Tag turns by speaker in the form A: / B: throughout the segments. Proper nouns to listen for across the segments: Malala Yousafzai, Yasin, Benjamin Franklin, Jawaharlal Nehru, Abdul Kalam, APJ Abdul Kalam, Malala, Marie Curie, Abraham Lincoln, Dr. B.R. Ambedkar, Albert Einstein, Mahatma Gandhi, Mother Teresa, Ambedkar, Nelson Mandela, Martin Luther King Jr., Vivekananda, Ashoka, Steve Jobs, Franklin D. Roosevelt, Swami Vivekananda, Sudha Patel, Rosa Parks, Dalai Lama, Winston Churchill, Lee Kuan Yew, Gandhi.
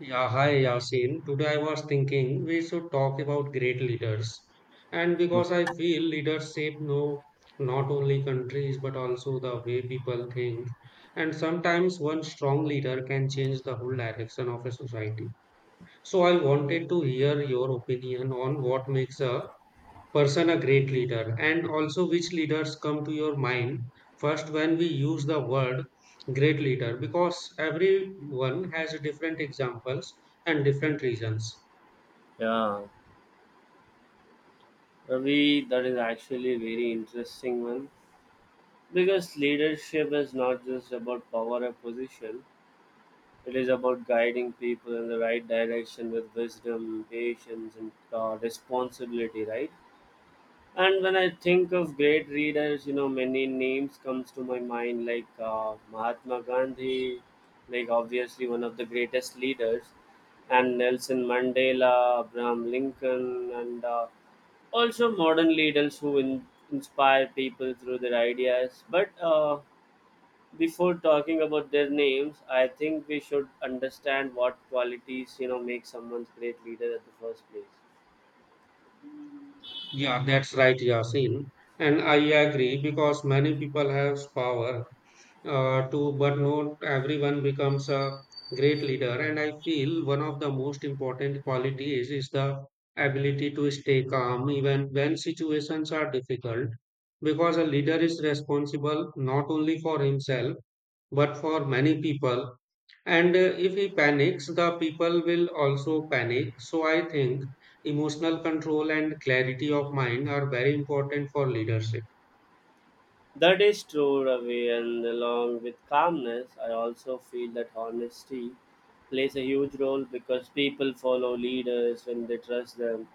A: Yeah, hi Yasin. Today I was thinking we should talk about great leaders. And Because I feel leaders shape no not only countries but also the way people think. And sometimes one strong leader can change the whole direction of a society. So I wanted to hear your opinion on what makes a person a great leader and also which leaders come to your mind first when we use the word great leader, because everyone has different examples and different reasons.
B: Yeah, Ravi, that is actually a very interesting one because leadership is not just about power or position. It is about guiding people in the right direction with wisdom, patience, and responsibility, right? And when I think of great leaders, you know, many names comes to my mind, like Mahatma Gandhi, like obviously one of the greatest leaders, and Nelson Mandela, Abraham Lincoln, and also modern leaders who inspire people through their ideas but before talking about their names I think we should understand what qualities, you know, make someone's great leader at the first place.
A: Yeah, that's right, Yasin, and I agree because many people have power to, but not everyone becomes a great leader. And I feel one of the most important qualities is the ability to stay calm even when situations are difficult, because a leader is responsible not only for himself but for many people. And if he panics, the people will also panic. So I think emotional control and clarity of mind are very important for leadership.
B: That is true, Ravi, and along with calmness I also feel that honesty plays a huge role because people follow leaders when they trust them.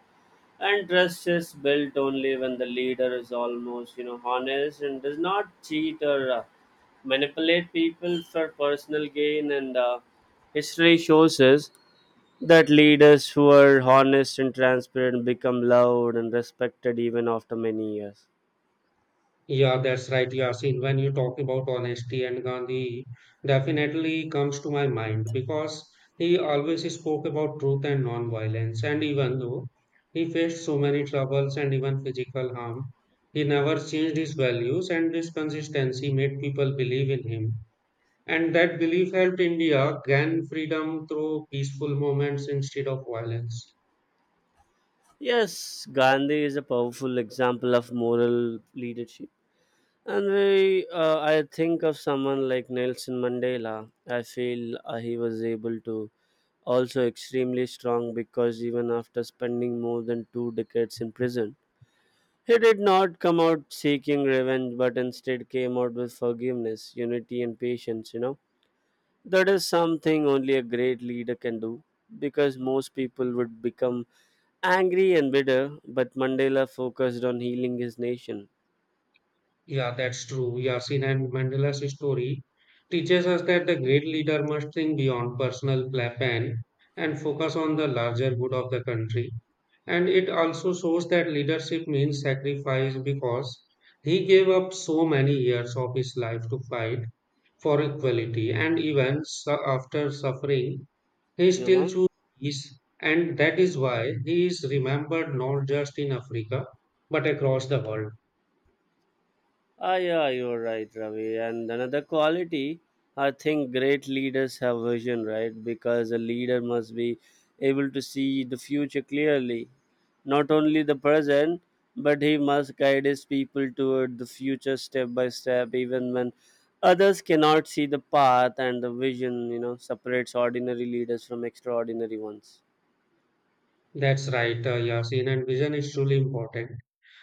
B: And trust is built only when the leader is almost, you know, honest and does not cheat or manipulate people for personal gain. And history shows us that leaders who are honest and transparent become loved and respected even after many years.
A: Yeah, that's right, Yasin. When you talk about honesty, and Gandhi definitely comes to my mind because he always spoke about truth and non-violence. And even though he faced so many troubles and even physical harm, he never changed his values, and this consistency made people believe in him. And that belief helped India gain freedom through peaceful moments instead of violence.
B: Yes, Gandhi is a powerful example of moral leadership. And we, I think of someone like Nelson Mandela. I feel he was able to also extremely strong because even after spending more than two decades in prison, he did not come out seeking revenge but instead came out with forgiveness, unity, and patience. You know, that is something only a great leader can do because most people would become angry and bitter, but Mandela focused on healing his nation.
A: Yeah, that's true, Yasin. And Mandela's story teaches us that the great leader must think beyond plan and focus on the larger good of the country. And it also shows that leadership means sacrifice, because he gave up so many years of his life to fight for equality. And even after suffering, he
B: You
A: still
B: know?
A: chose peace. And that is why he is remembered not just in Africa but across the world.
B: Ah, yeah, you're right, Ravi. And another quality, I think great leaders have vision, right? Because a leader must be able to see the future clearly, not only the present, but he must guide his people toward the future step by step, even when others cannot see the path, and the vision, you know, separates ordinary leaders from extraordinary ones.
A: That's right, Yasin, and vision is truly important.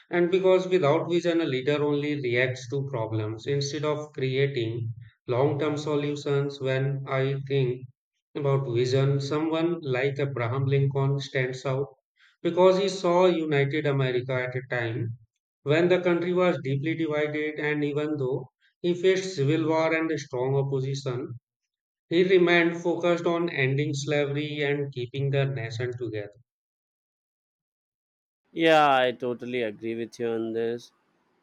A: And Because without vision, a leader only reacts to problems instead of creating long term solutions. When I think about vision, someone like Abraham Lincoln stands out because he saw United America at a time when the country was deeply divided. And even though he faced civil war and a strong opposition, he remained focused on ending slavery and keeping the nation together.
B: Yeah, I totally agree with you on this.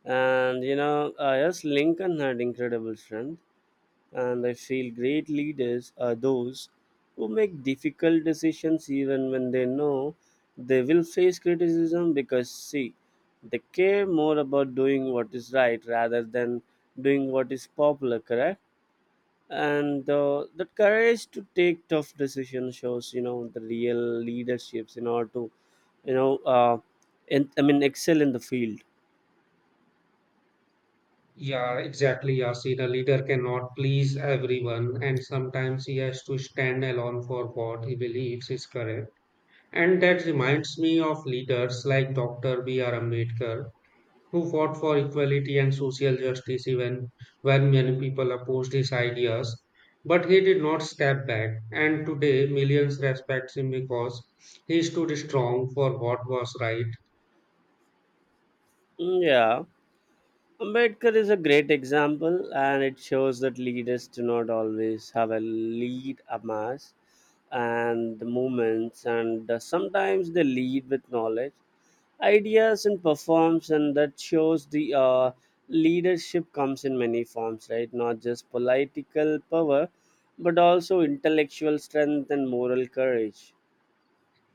B: And you know, yes, Lincoln had incredible strength, and I feel great leaders are those who make difficult decisions even when they know they will face criticism because, see, they care more about doing what is right rather than doing what is popular, correct? And that courage to take tough decisions shows, you know, the real leaderships in order to, you know, I mean, excel in the field.
A: Yeah, exactly. Yeah, see, the leader cannot please everyone, and sometimes he has to stand alone for what he believes is correct. And that reminds me of leaders like Dr. B.R. Ambedkar, who fought for equality and social justice even when many people opposed his ideas. But he did not step back, and today millions respect him because he stood strong for what was right.
B: Mm, yeah. Ambedkar is a great example, and it shows that leaders do not always have a lead a mass and the movements, and sometimes they lead with knowledge, ideas, and performs, and that shows the leadership comes in many forms, right? Not just political power, but also intellectual strength and moral courage.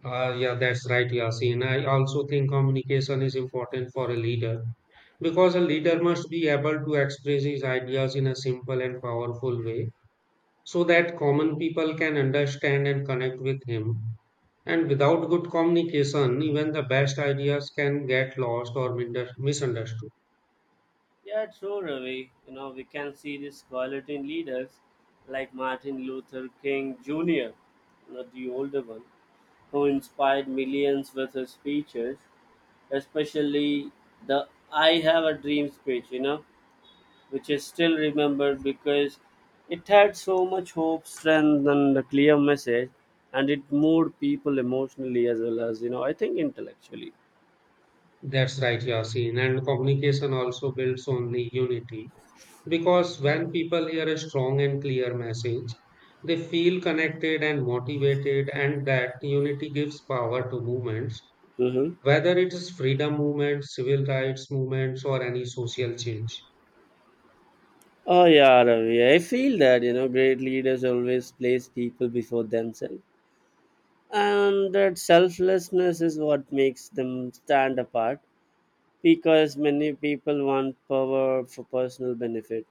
A: Yeah, that's right, Yasin. I also think communication is important for a leader, because a leader must be able to express his ideas in a simple and powerful way so that common people can understand and connect with him. And
B: Mhm.
A: without good communication, even the best ideas can get lost or misunderstood.
B: Yeah, true, Ravi. You know, we can see this quality in leaders like Martin Luther King Jr., not the older one, who inspired millions with his speeches, especially the I Have a Dream speech, you know, which is still remembered because it had so much hope, strength, and a clear message, and it moved people emotionally as well as, you know, I think intellectually.
A: That's right, Yasin. And communication also builds only unity, because when people hear a strong and clear message, they feel connected and motivated, and that unity gives power to movements,
B: Mm-hmm.
A: whether it is freedom movements, civil rights movements, or any social change.
B: Oh yeah, Ravi. I feel that, you know, great leaders always place people before themselves, and that selflessness is what makes them stand apart. Because many people want power for personal benefit,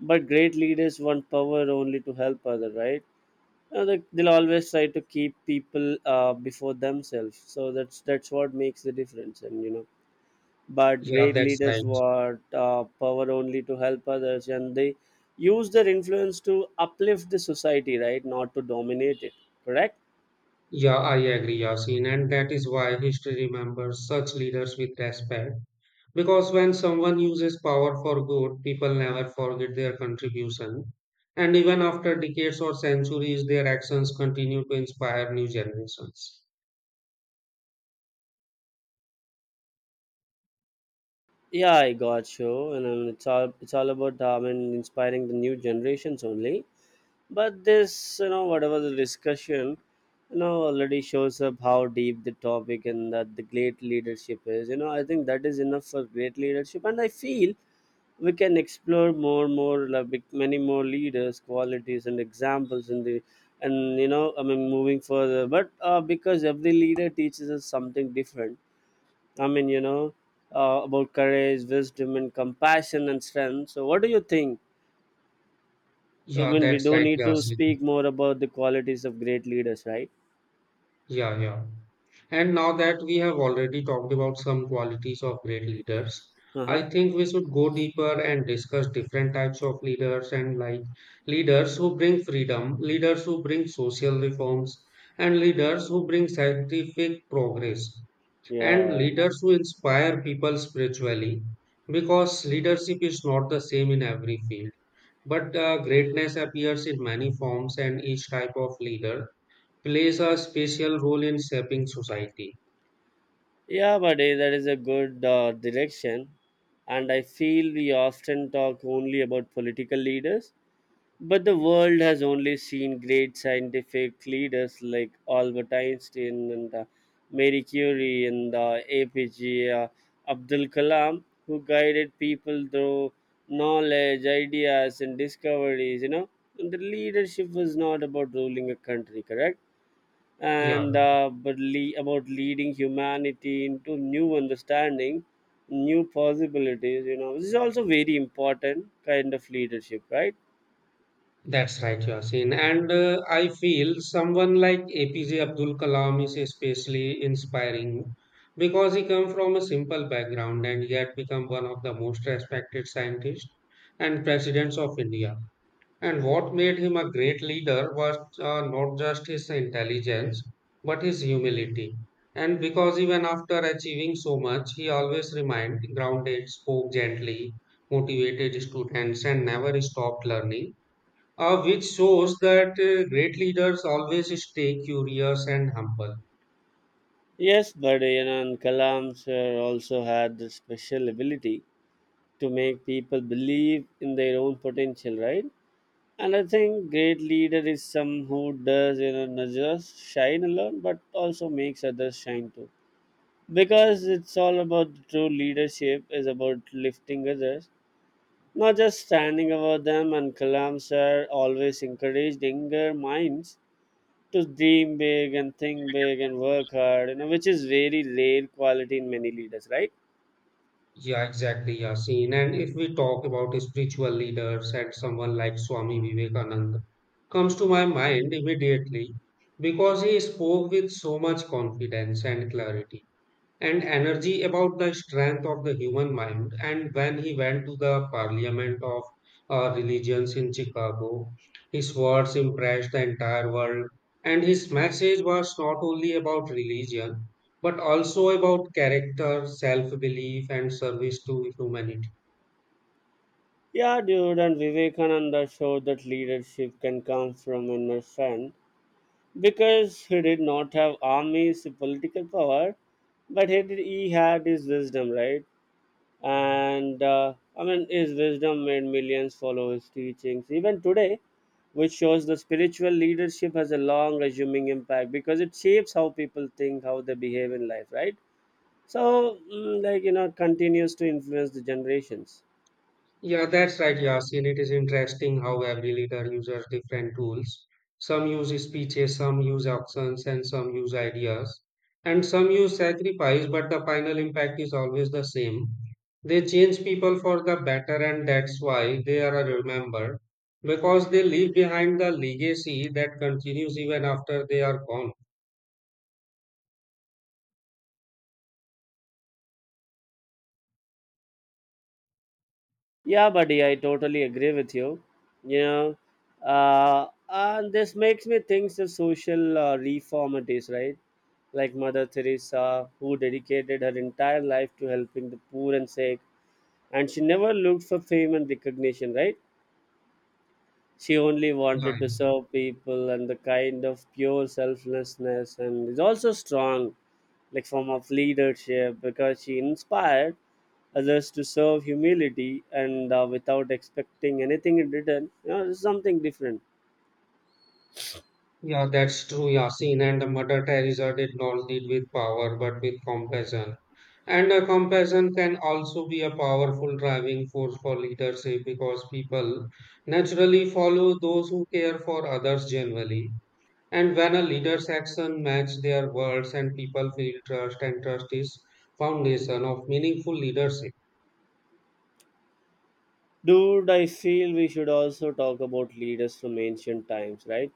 B: but great leaders want power only to help others. Right? They- They'll always try to keep people before themselves. So that's what makes the difference, and you know but
A: Yeah,
B: great
A: that's
B: leaders
A: right.
B: want power only to help others, and they use their influence to uplift the society, right, not to dominate it, correct.
A: Yeah, I agree, Yasin, and that is why history remembers such leaders with respect. Because when someone uses power for good, people never forget their contribution. And even after decades or centuries, their actions continue to inspire new generations.
B: Yeah, I got you, and it's all about and inspiring the new generations only. But this, you know, whatever the discussion, you know, already shows up how deep the topic and that the great leadership is. You know, I think that is enough for great leadership, and I feel we can explore more like many more leaders qualities and examples in the and you know I mean moving further but because every leader teaches us something different, I mean, you know, about courage, wisdom and compassion and strength. So what do you think? I
A: Yeah,
B: mean, we
A: that's
B: do
A: right,
B: need to
A: Yasin.
B: speak more about the qualities of great leaders, right?
A: Yeah, yeah. And now that we have already talked about some qualities of great leaders,
B: Uh-huh.
A: I think we should go deeper and discuss different types of leaders, and like leaders who bring freedom, leaders who bring social reforms, and leaders who bring scientific progress, and
B: Yeah.
A: leaders who inspire people spiritually. Because leadership is not the same in every field, but greatness appears in many forms, and each type of leader plays a special role in shaping society.
B: Yeah, buddy, that is a good direction, and I feel we often talk only about political leaders. But the world has only seen great scientific leaders like Albert Einstein and Marie Curie and APG Abdul Kalam, who guided people through knowledge, ideas, and discoveries. You know, and the leadership was not about ruling a country, correct?
A: Yeah,
B: And about leading humanity into new understanding, new possibilities. You know, this is also very important kind of leadership, right?
A: that's right, Yasin. And I feel someone like APJ Abdul Kalam is especially inspiring because he come from a simple background and yet become one of the most respected scientists and presidents of India. And what made him a great leader was not just his intelligence, but his humility. And Because even after achieving so much, he always remained grounded, spoke gently, motivated students, and never stopped learning, which shows that great leaders always stay curious and humble.
B: Yes, but you know, and Kalams also had the special ability to make people believe in their own potential, right? And I think great leader is some who does, you know, not just shine alone, but also makes others shine too. Because it's all about true leadership is about lifting others, not just standing over them. And Kalam sir always encouraged younger minds to dream big and think big and work hard, you know, which is very rare quality in many leaders, right?
A: Yeah, exactly, Yasin. And if we talk about spiritual leaders, and someone like Swami Vivekananda comes to my mind immediately because he spoke with so much confidence and clarity and energy about the strength of the human mind. And when he went to the parliament of religions in Chicago, his words impressed the entire world. And his message was not only about religion, but also about character, self belief, and service to humanity.
B: Yeah, dude, and Vivekananda showed that leadership can come from inner strength because he did not have armies, political power, but he he had his wisdom, right? And I mean, his wisdom made millions follow his teachings, even today, which shows the spiritual leadership has a long, resuming impact because it shapes how people think, how they behave in life, right? So, like, you know, it continues to influence the generations.
A: Yeah, that's right, Yasin. It is interesting how every leader uses different tools. Some use speeches, some use actions, and some use ideas. And some use sacrifice, but the final impact is always the same. They change people for the better, and that's why they are remembered, because they leave behind the legacy that continues even after they are gone.
B: Yeah, buddy, I totally agree with you. You know, and this makes me think the social reform it is, right? Like Mother Teresa, who dedicated her entire life to helping the poor and sick, and she never looked for fame and recognition, right? She only wanted
A: Right.
B: to serve people, and the kind of pure selflessness and is also strong like form of leadership because she inspired others to serve humility and without expecting anything in return, you know, it's something different.
A: Yeah, that's true, Yasin. And Mother Teresa did not lead with power but with compassion. And a compassion can also be a powerful driving force for leadership, because people naturally follow those who care for others genuinely. And when a leader's action match their words, and people feel trust, and trust is foundation of meaningful leadership.
B: Dude, I feel we should also talk about leaders from ancient times, right?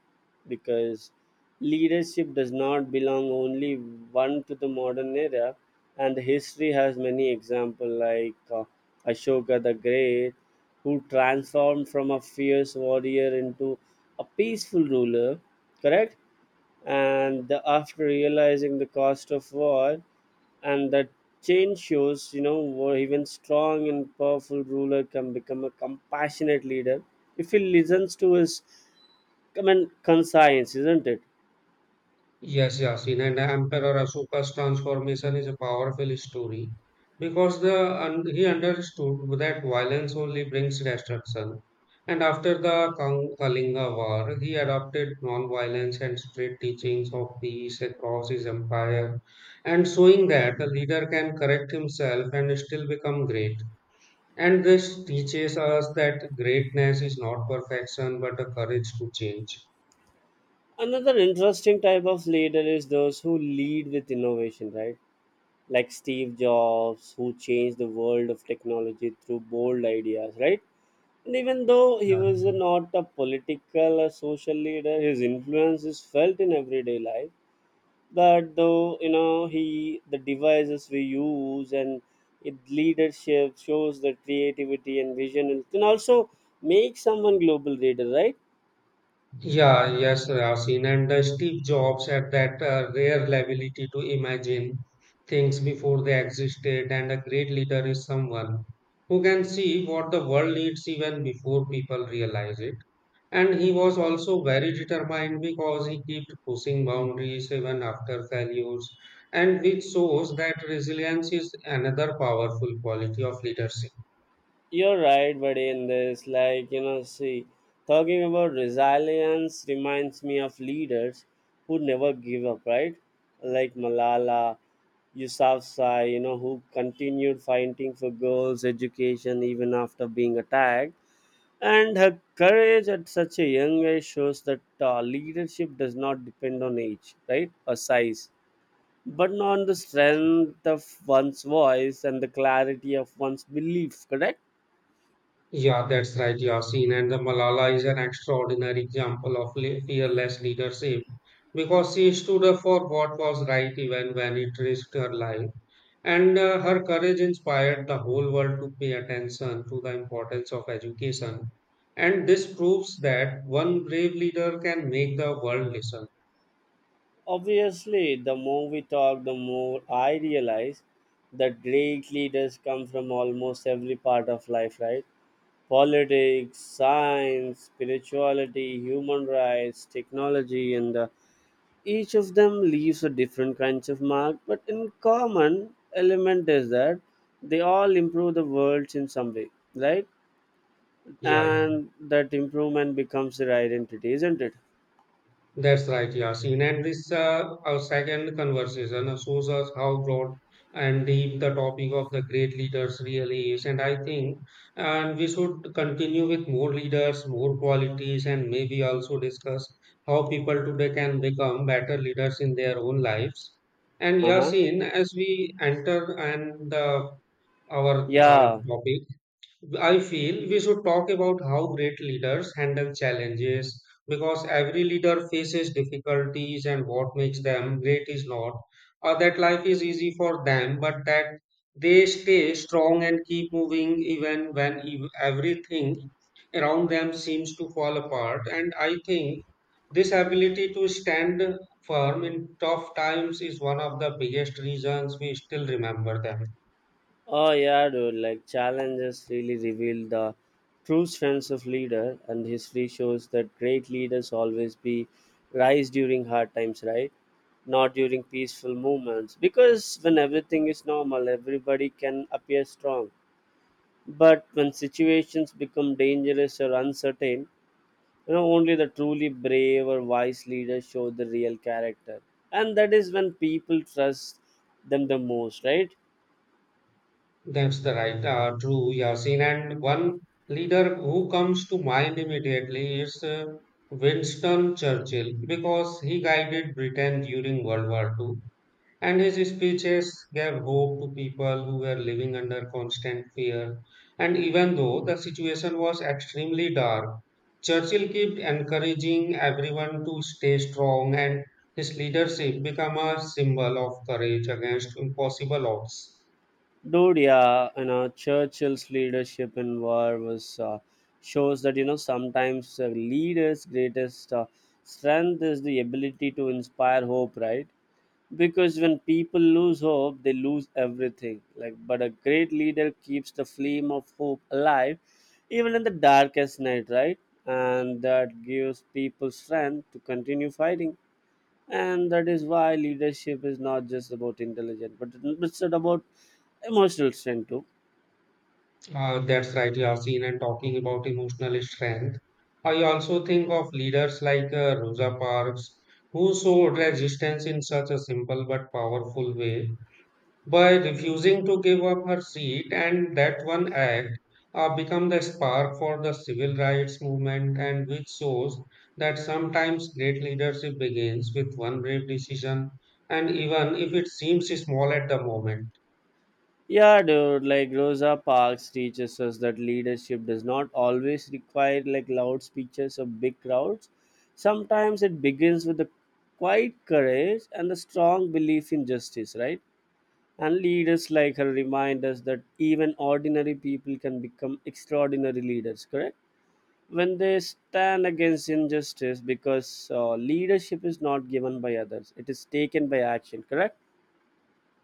B: Because leadership does not belong only one to the modern era, and history has many examples like Ashoka the Great, who transformed from a fierce warrior into a peaceful ruler, correct? And the, after realizing the cost of war and that change shows, you know, where even strong and powerful ruler can become a compassionate leader if he listens to his common conscience, isn't it?
A: Yes, Yasin, and Emperor Ashoka's transformation is a powerful story because he understood that violence only brings destruction. And after the Kalinga War, he adopted non-violence and strict teachings of peace across his empire, and showing that a leader can correct himself and still become great. And this teaches us that greatness is not perfection but a courage to change.
B: Another interesting type of leader is those who lead with innovation, right? Like Steve Jobs, who changed the world of technology through bold ideas, right? And even though he
A: Yeah.
B: was not a political or social leader, his influence is felt in everyday life. That though, you know, he the devices we use and it leadership shows the creativity and vision and can also make someone global leader, right?
A: Yeah, yes, Yasin. And Steve Jobs had that rare ability to imagine things before they existed, and a great leader is someone who can see what the world needs even before people realize it. And he was also very determined, because he kept pushing boundaries even after failures, and which shows that resilience is another powerful quality of leadership.
B: You're right, buddy, in this. Like, you know, see, talking about resilience reminds me of leaders who never give up, right? Like Malala Yousafzai, you know, who continued fighting for girls' education even after being attacked. And her courage at such a young age shows that leadership does not depend on age, right, or size, but on the strength of one's voice and the clarity of one's belief, correct?
A: Yeah, that's right, Yasin. And the Malala is an extraordinary example of fearless leadership because she stood up for what was right even when it risked her life. And her courage inspired the whole world to pay attention to the importance of education. And this proves that one brave leader can make the world listen.
B: Obviously, the more we talk, the more I realize that great leaders come from almost every part of life, right? Politics, science, spirituality, human rights, technology, and each of them leaves a different kinds of mark. But in common element is that they all improve the world in some way, right?
A: Yeah, yeah.
B: And that improvement becomes their identity, isn't it?
A: That's right, Yasin. And this our second conversation shows us how broad and deep the topic of the great leaders really is. And I think and we should continue with more leaders, more qualities, and maybe also discuss how people today can become better leaders in their own lives. And
B: Uh huh.
A: Yasin, as we enter and our
B: Yeah.
A: topic, I feel we should talk about how great leaders handle challenges, because every leader faces difficulties, and what makes them great is not that life is easy for them, but that they stay strong and keep moving even when everything around them seems to fall apart. And I think this ability to stand firm in tough times is one of the biggest reasons we still remember them.
B: Oh yeah, dude. Like challenges really reveal the true strengths of leader, and history shows that great leaders always be rise during hard times, right? Not during peaceful moments, because when everything is normal, everybody can appear strong. But when situations become dangerous or uncertain, you know, only the truly brave or wise leaders show the real character, and that is when people trust them the most, right?
A: That's true, Yasin. And one leader who comes to mind immediately is Winston Churchill, because he guided Britain during World War Two, and his speeches gave hope to people who were living under constant fear. And even though the situation was extremely dark, Churchill kept encouraging everyone to stay strong, and his leadership became a symbol of courage against impossible odds.
B: Dude, yeah, you know, Churchill's leadership in war was shows that, you know, sometimes a leader's greatest strength is the ability to inspire hope, right? Because when people lose hope, they lose everything, like, but a great leader keeps the flame of hope alive even in the darkest night, right? And that gives people strength to continue fighting, and that is why leadership is not just about intelligence, but it's about emotional strength too.
A: That's right, Yasin. And talking about emotional strength, I also think of leaders like Rosa Parks, who showed resistance in such a simple but powerful way by refusing to give up her seat. And that one act become the spark for the civil rights movement, and which shows that sometimes great leadership begins with one brave decision, and even if it seems small at the moment.
B: Yeah, dude, like Rosa Parks teaches us that leadership does not always require like loud speeches or big crowds. Sometimes it begins with the quiet courage and the strong belief in justice, right? And leaders like her remind us that even ordinary people can become extraordinary leaders, correct, when they stand against injustice, because leadership is not given by others, it is taken by action, correct.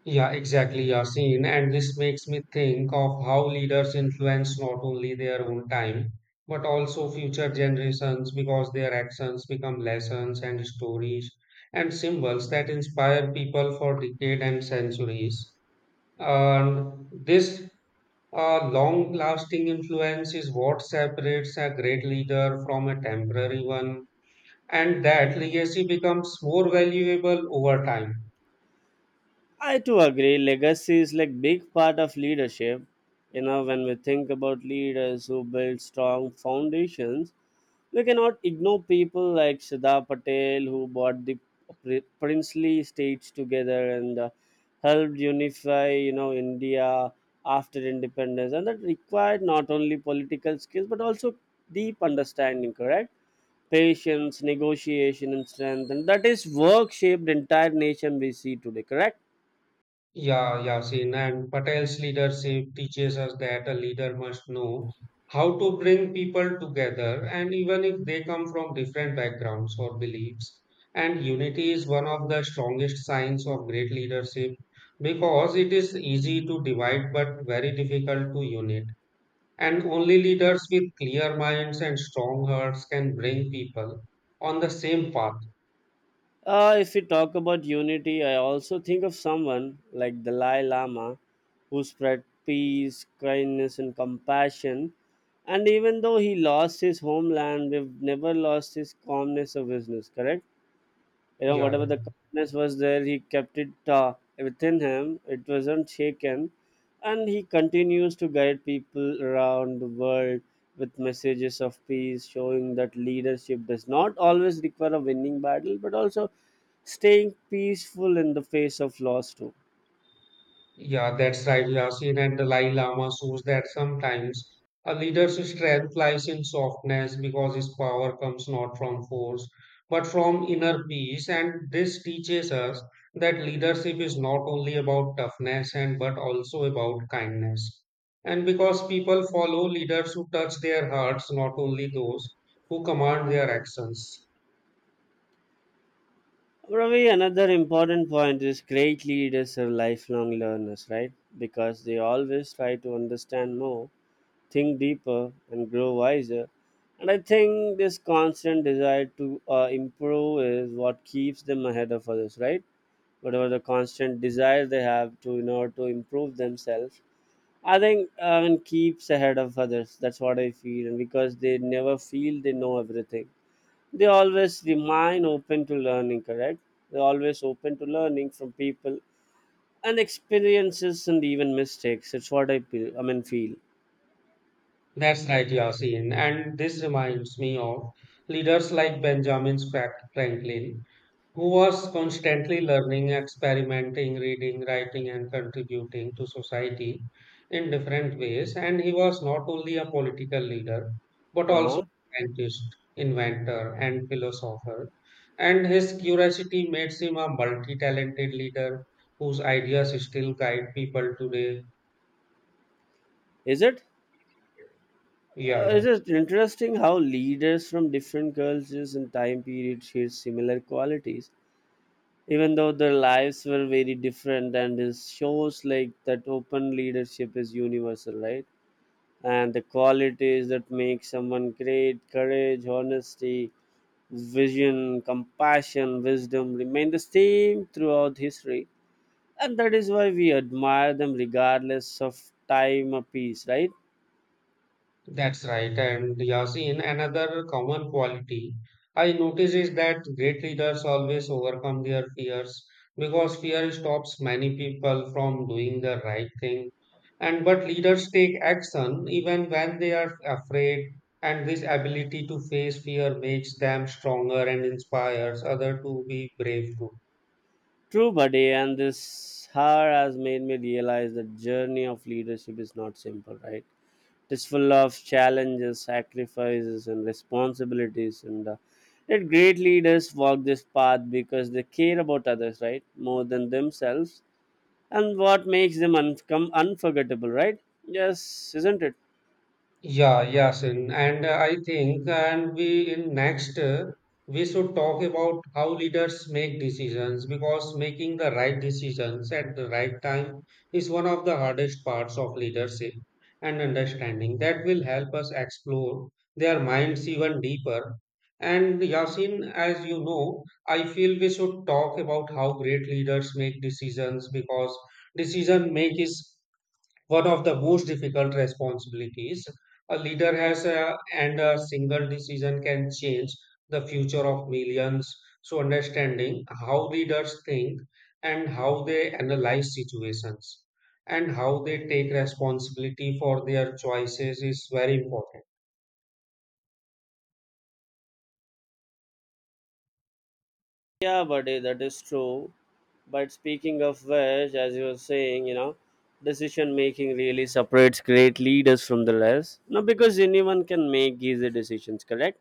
A: Yeah, exactly, Yasin. And this makes me think of how leaders influence not only their own time, but also future generations, because their actions become lessons and stories and symbols that inspire people for decades and centuries. And this long lasting influence is what separates a great leader from a temporary one, and that legacy becomes more valuable over time.
B: I too agree. Legacy is like big part of leadership. You know, when we think about leaders who build strong foundations, we cannot ignore people like Sudha Patel, who brought the princely states together and helped unify, you know, India after independence. And that required not only political skills but also deep understanding. Correct. Patience, negotiation, and strength. And that is work shaped entire nation we see today. Correct.
A: Yeah, Yasin, and Patel's leadership teaches us that a leader must know how to bring people together, and even if they come from different backgrounds or beliefs. And unity is one of the strongest signs of great leadership, because it is easy to divide but very difficult to unite. And only leaders with clear minds and strong hearts can bring people on the same path.
B: If we talk about unity, I also think of someone like Dalai Lama, who spread peace, kindness, and compassion. And even though he lost his homeland, we've never lost his calmness or business, correct? You know,
A: Yeah,
B: whatever
A: yeah.
B: the calmness was there, he kept it within him, it wasn't shaken. And he continues to guide people around the world with messages of peace, showing that leadership does not always require a winning battle, but also staying peaceful in the face of loss too.
A: Yeah, that's right, Yasin. And Dalai Lama shows that sometimes a leader's strength lies in softness because his power comes not from force, but from inner peace. And this teaches us that leadership is not only about toughness and but also about kindness. And because people follow leaders who touch their hearts, not only those who command their actions.
B: Ravi, another important point is great leaders are lifelong learners, right? Because they always try to understand more, think deeper, and grow wiser. And I think this constant desire to improve is what keeps them ahead of others, right? Whatever the constant desire they have to, in order to improve themselves, I think and keeps ahead of others. That's what I feel, and because they never feel they know everything, they always remain open to learning. Correct? They're always open to learning from people and experiences and even mistakes. It's what I feel. I mean, feel.
A: That's right, Yasin. And this reminds me of leaders like Benjamin Franklin who was constantly learning, experimenting, reading, writing, and contributing to society in different ways. And he was not only a political leader, but
B: Uh
A: also
B: huh.
A: a scientist, inventor, and philosopher. And his curiosity makes him a multi talented leader whose ideas still guide people today.
B: Is it?
A: Yeah, yeah.
B: It is interesting how leaders from different cultures and time periods shared similar qualities, even though their lives were very different. And it shows like that open leadership is universal, right? And the qualities that make someone great, courage, honesty, vision, compassion, wisdom, remain the same throughout history. And that is why we admire them regardless of time or peace, right?
A: That's right. And Yasin, another common quality I notice is that great leaders always overcome their fears because fear stops many people from doing the right thing. And but leaders take action even when they are afraid, and this ability to face fear makes them stronger and inspires others to be brave too.
B: True, buddy, and this hour has made me realize the journey of leadership is not simple, right? It is full of challenges, sacrifices, and responsibilities, and yet great leaders walk this path because they care about others, right, more than themselves, and what makes them come unforgettable, right? Yes, isn't it?
A: Yeah, Yasin, and I think, and we in next we should talk about how leaders make decisions because making the right decisions at the right time is one of the hardest parts of leadership and understanding that will help us explore their minds even deeper. And Yasin, as you know, I feel we should talk about how great leaders make decisions because decision make is one of the most difficult responsibilities a leader has and a single decision can change the future of millions, so understanding how leaders think and how they analyze situations and how they take responsibility for their choices is very important.
B: Yeah, buddy, that is true. But speaking of which, as you were saying, you know, decision making really separates great leaders from the rest. No, because anyone can make easy decisions, correct?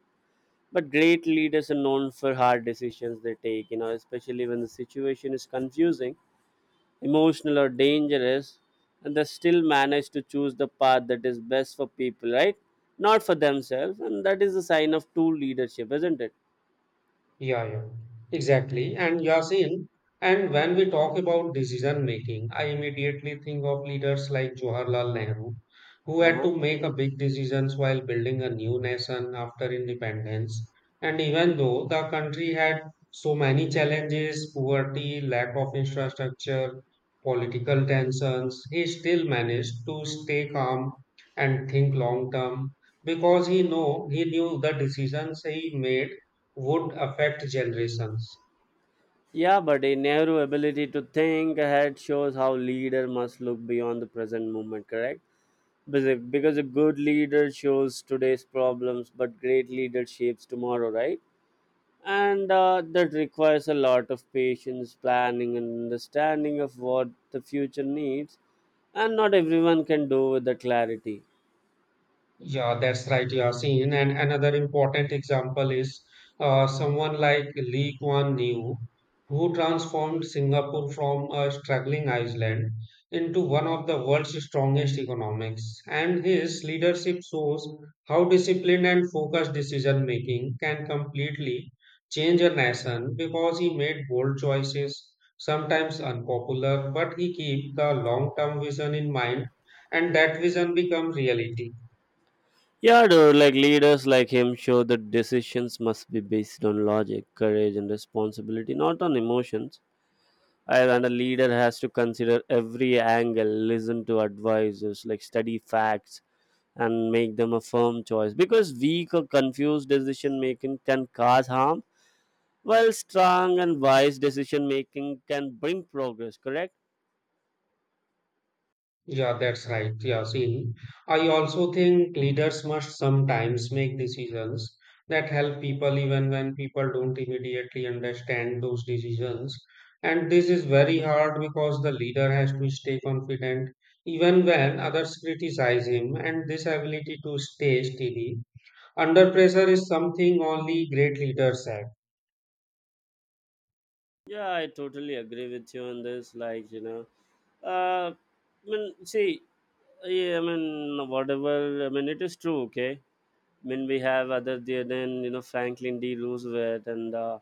B: But great leaders are known for hard decisions they take, you know, especially when the situation is confusing, emotional, or dangerous, and they still manage to choose the path that is best for people, right? Not for themselves. And that is a sign of true leadership, isn't it?
A: Yeah, yeah, exactly. And Yasin, and when we talk about decision making, I immediately think of leaders like Jawaharlal Nehru, who
B: Uh
A: had
B: huh.
A: to make a big decisions while building a new nation after independence. And even though the country had so many challenges, poverty, lack of infrastructure, political tensions, he still managed to stay calm and think long term because he knew the decisions he made would affect generations.
B: Yeah, but a Nehru's ability to think ahead shows how leader must look beyond the present moment, correct? Because a good leader shows today's problems, but great leader shapes tomorrow, right? And that requires a lot of patience, planning, and understanding of what the future needs. And not everyone can do with the clarity.
A: Yeah, that's right, Yasin. And another important example is someone like Lee Kuan Yew, who transformed Singapore from a struggling island into one of the world's strongest economics. And his leadership shows how discipline and focused decision making can completely change a nation because he made bold choices, sometimes unpopular, but he kept the long-term vision in mind, and that vision became reality.
B: Yeah, dude, like leaders like him show that decisions must be based on logic, courage, and responsibility, not on emotions. And a leader has to consider every angle, listen to advisors, like study facts, and make them a firm choice, because weak or confused decision making can cause harm, while strong and wise decision making can bring progress, correct.
A: Yeah, that's right. Yeah, see, I also think leaders must sometimes make decisions that help people even when people don't immediately understand those decisions. And this is very hard because the leader has to stay confident even when others criticize him. And this ability to stay steady under pressure is something only great leaders have.
B: Yeah, I totally agree with you on this, like, you know, uh, I mean, see, yeah, I mean, whatever, I mean, it is true, okay? I mean, we have other there than, you know, Franklin D. Roosevelt and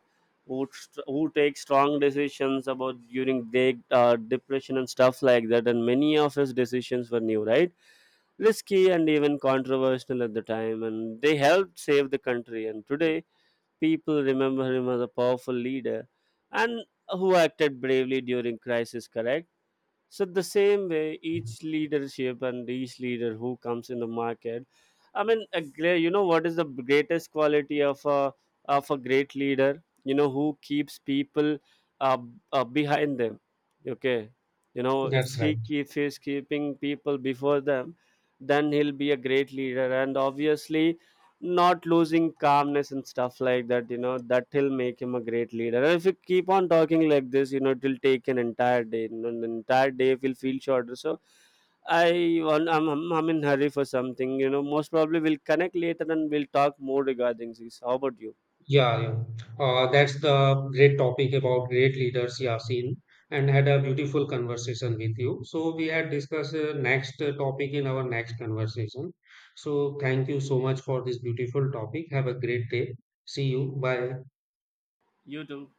B: who take strong decisions about during the depression and stuff like that. And many of his decisions were new, right? Risky and even controversial at the time, and they helped save the country. And today, people remember him as a powerful leader and who acted bravely during crisis. Correct. So the same way, each leadership and each leader who comes in the market, I mean, a great, you know, what is the greatest quality of a great leader? You know, who keeps people uh, behind them. Okay, you know, if
A: That's right.
B: he keep, if he's keeping people before them, then he'll be a great leader. And obviously, not losing calmness and stuff like that, you know, that will make him a great leader. And if you keep on talking like this, you know, it will take an entire day, you know, an entire day will feel shorter. So I'm in hurry for something, you know, most probably we'll connect later and we'll talk more regarding this. How about you?
A: Yeah, yeah. That's the great topic about great leaders, Yasin, and had a beautiful conversation with you. So we had discussed next topic in our next conversation. So thank you so much for this beautiful topic. Have a great day. See you. Bye.
B: You too.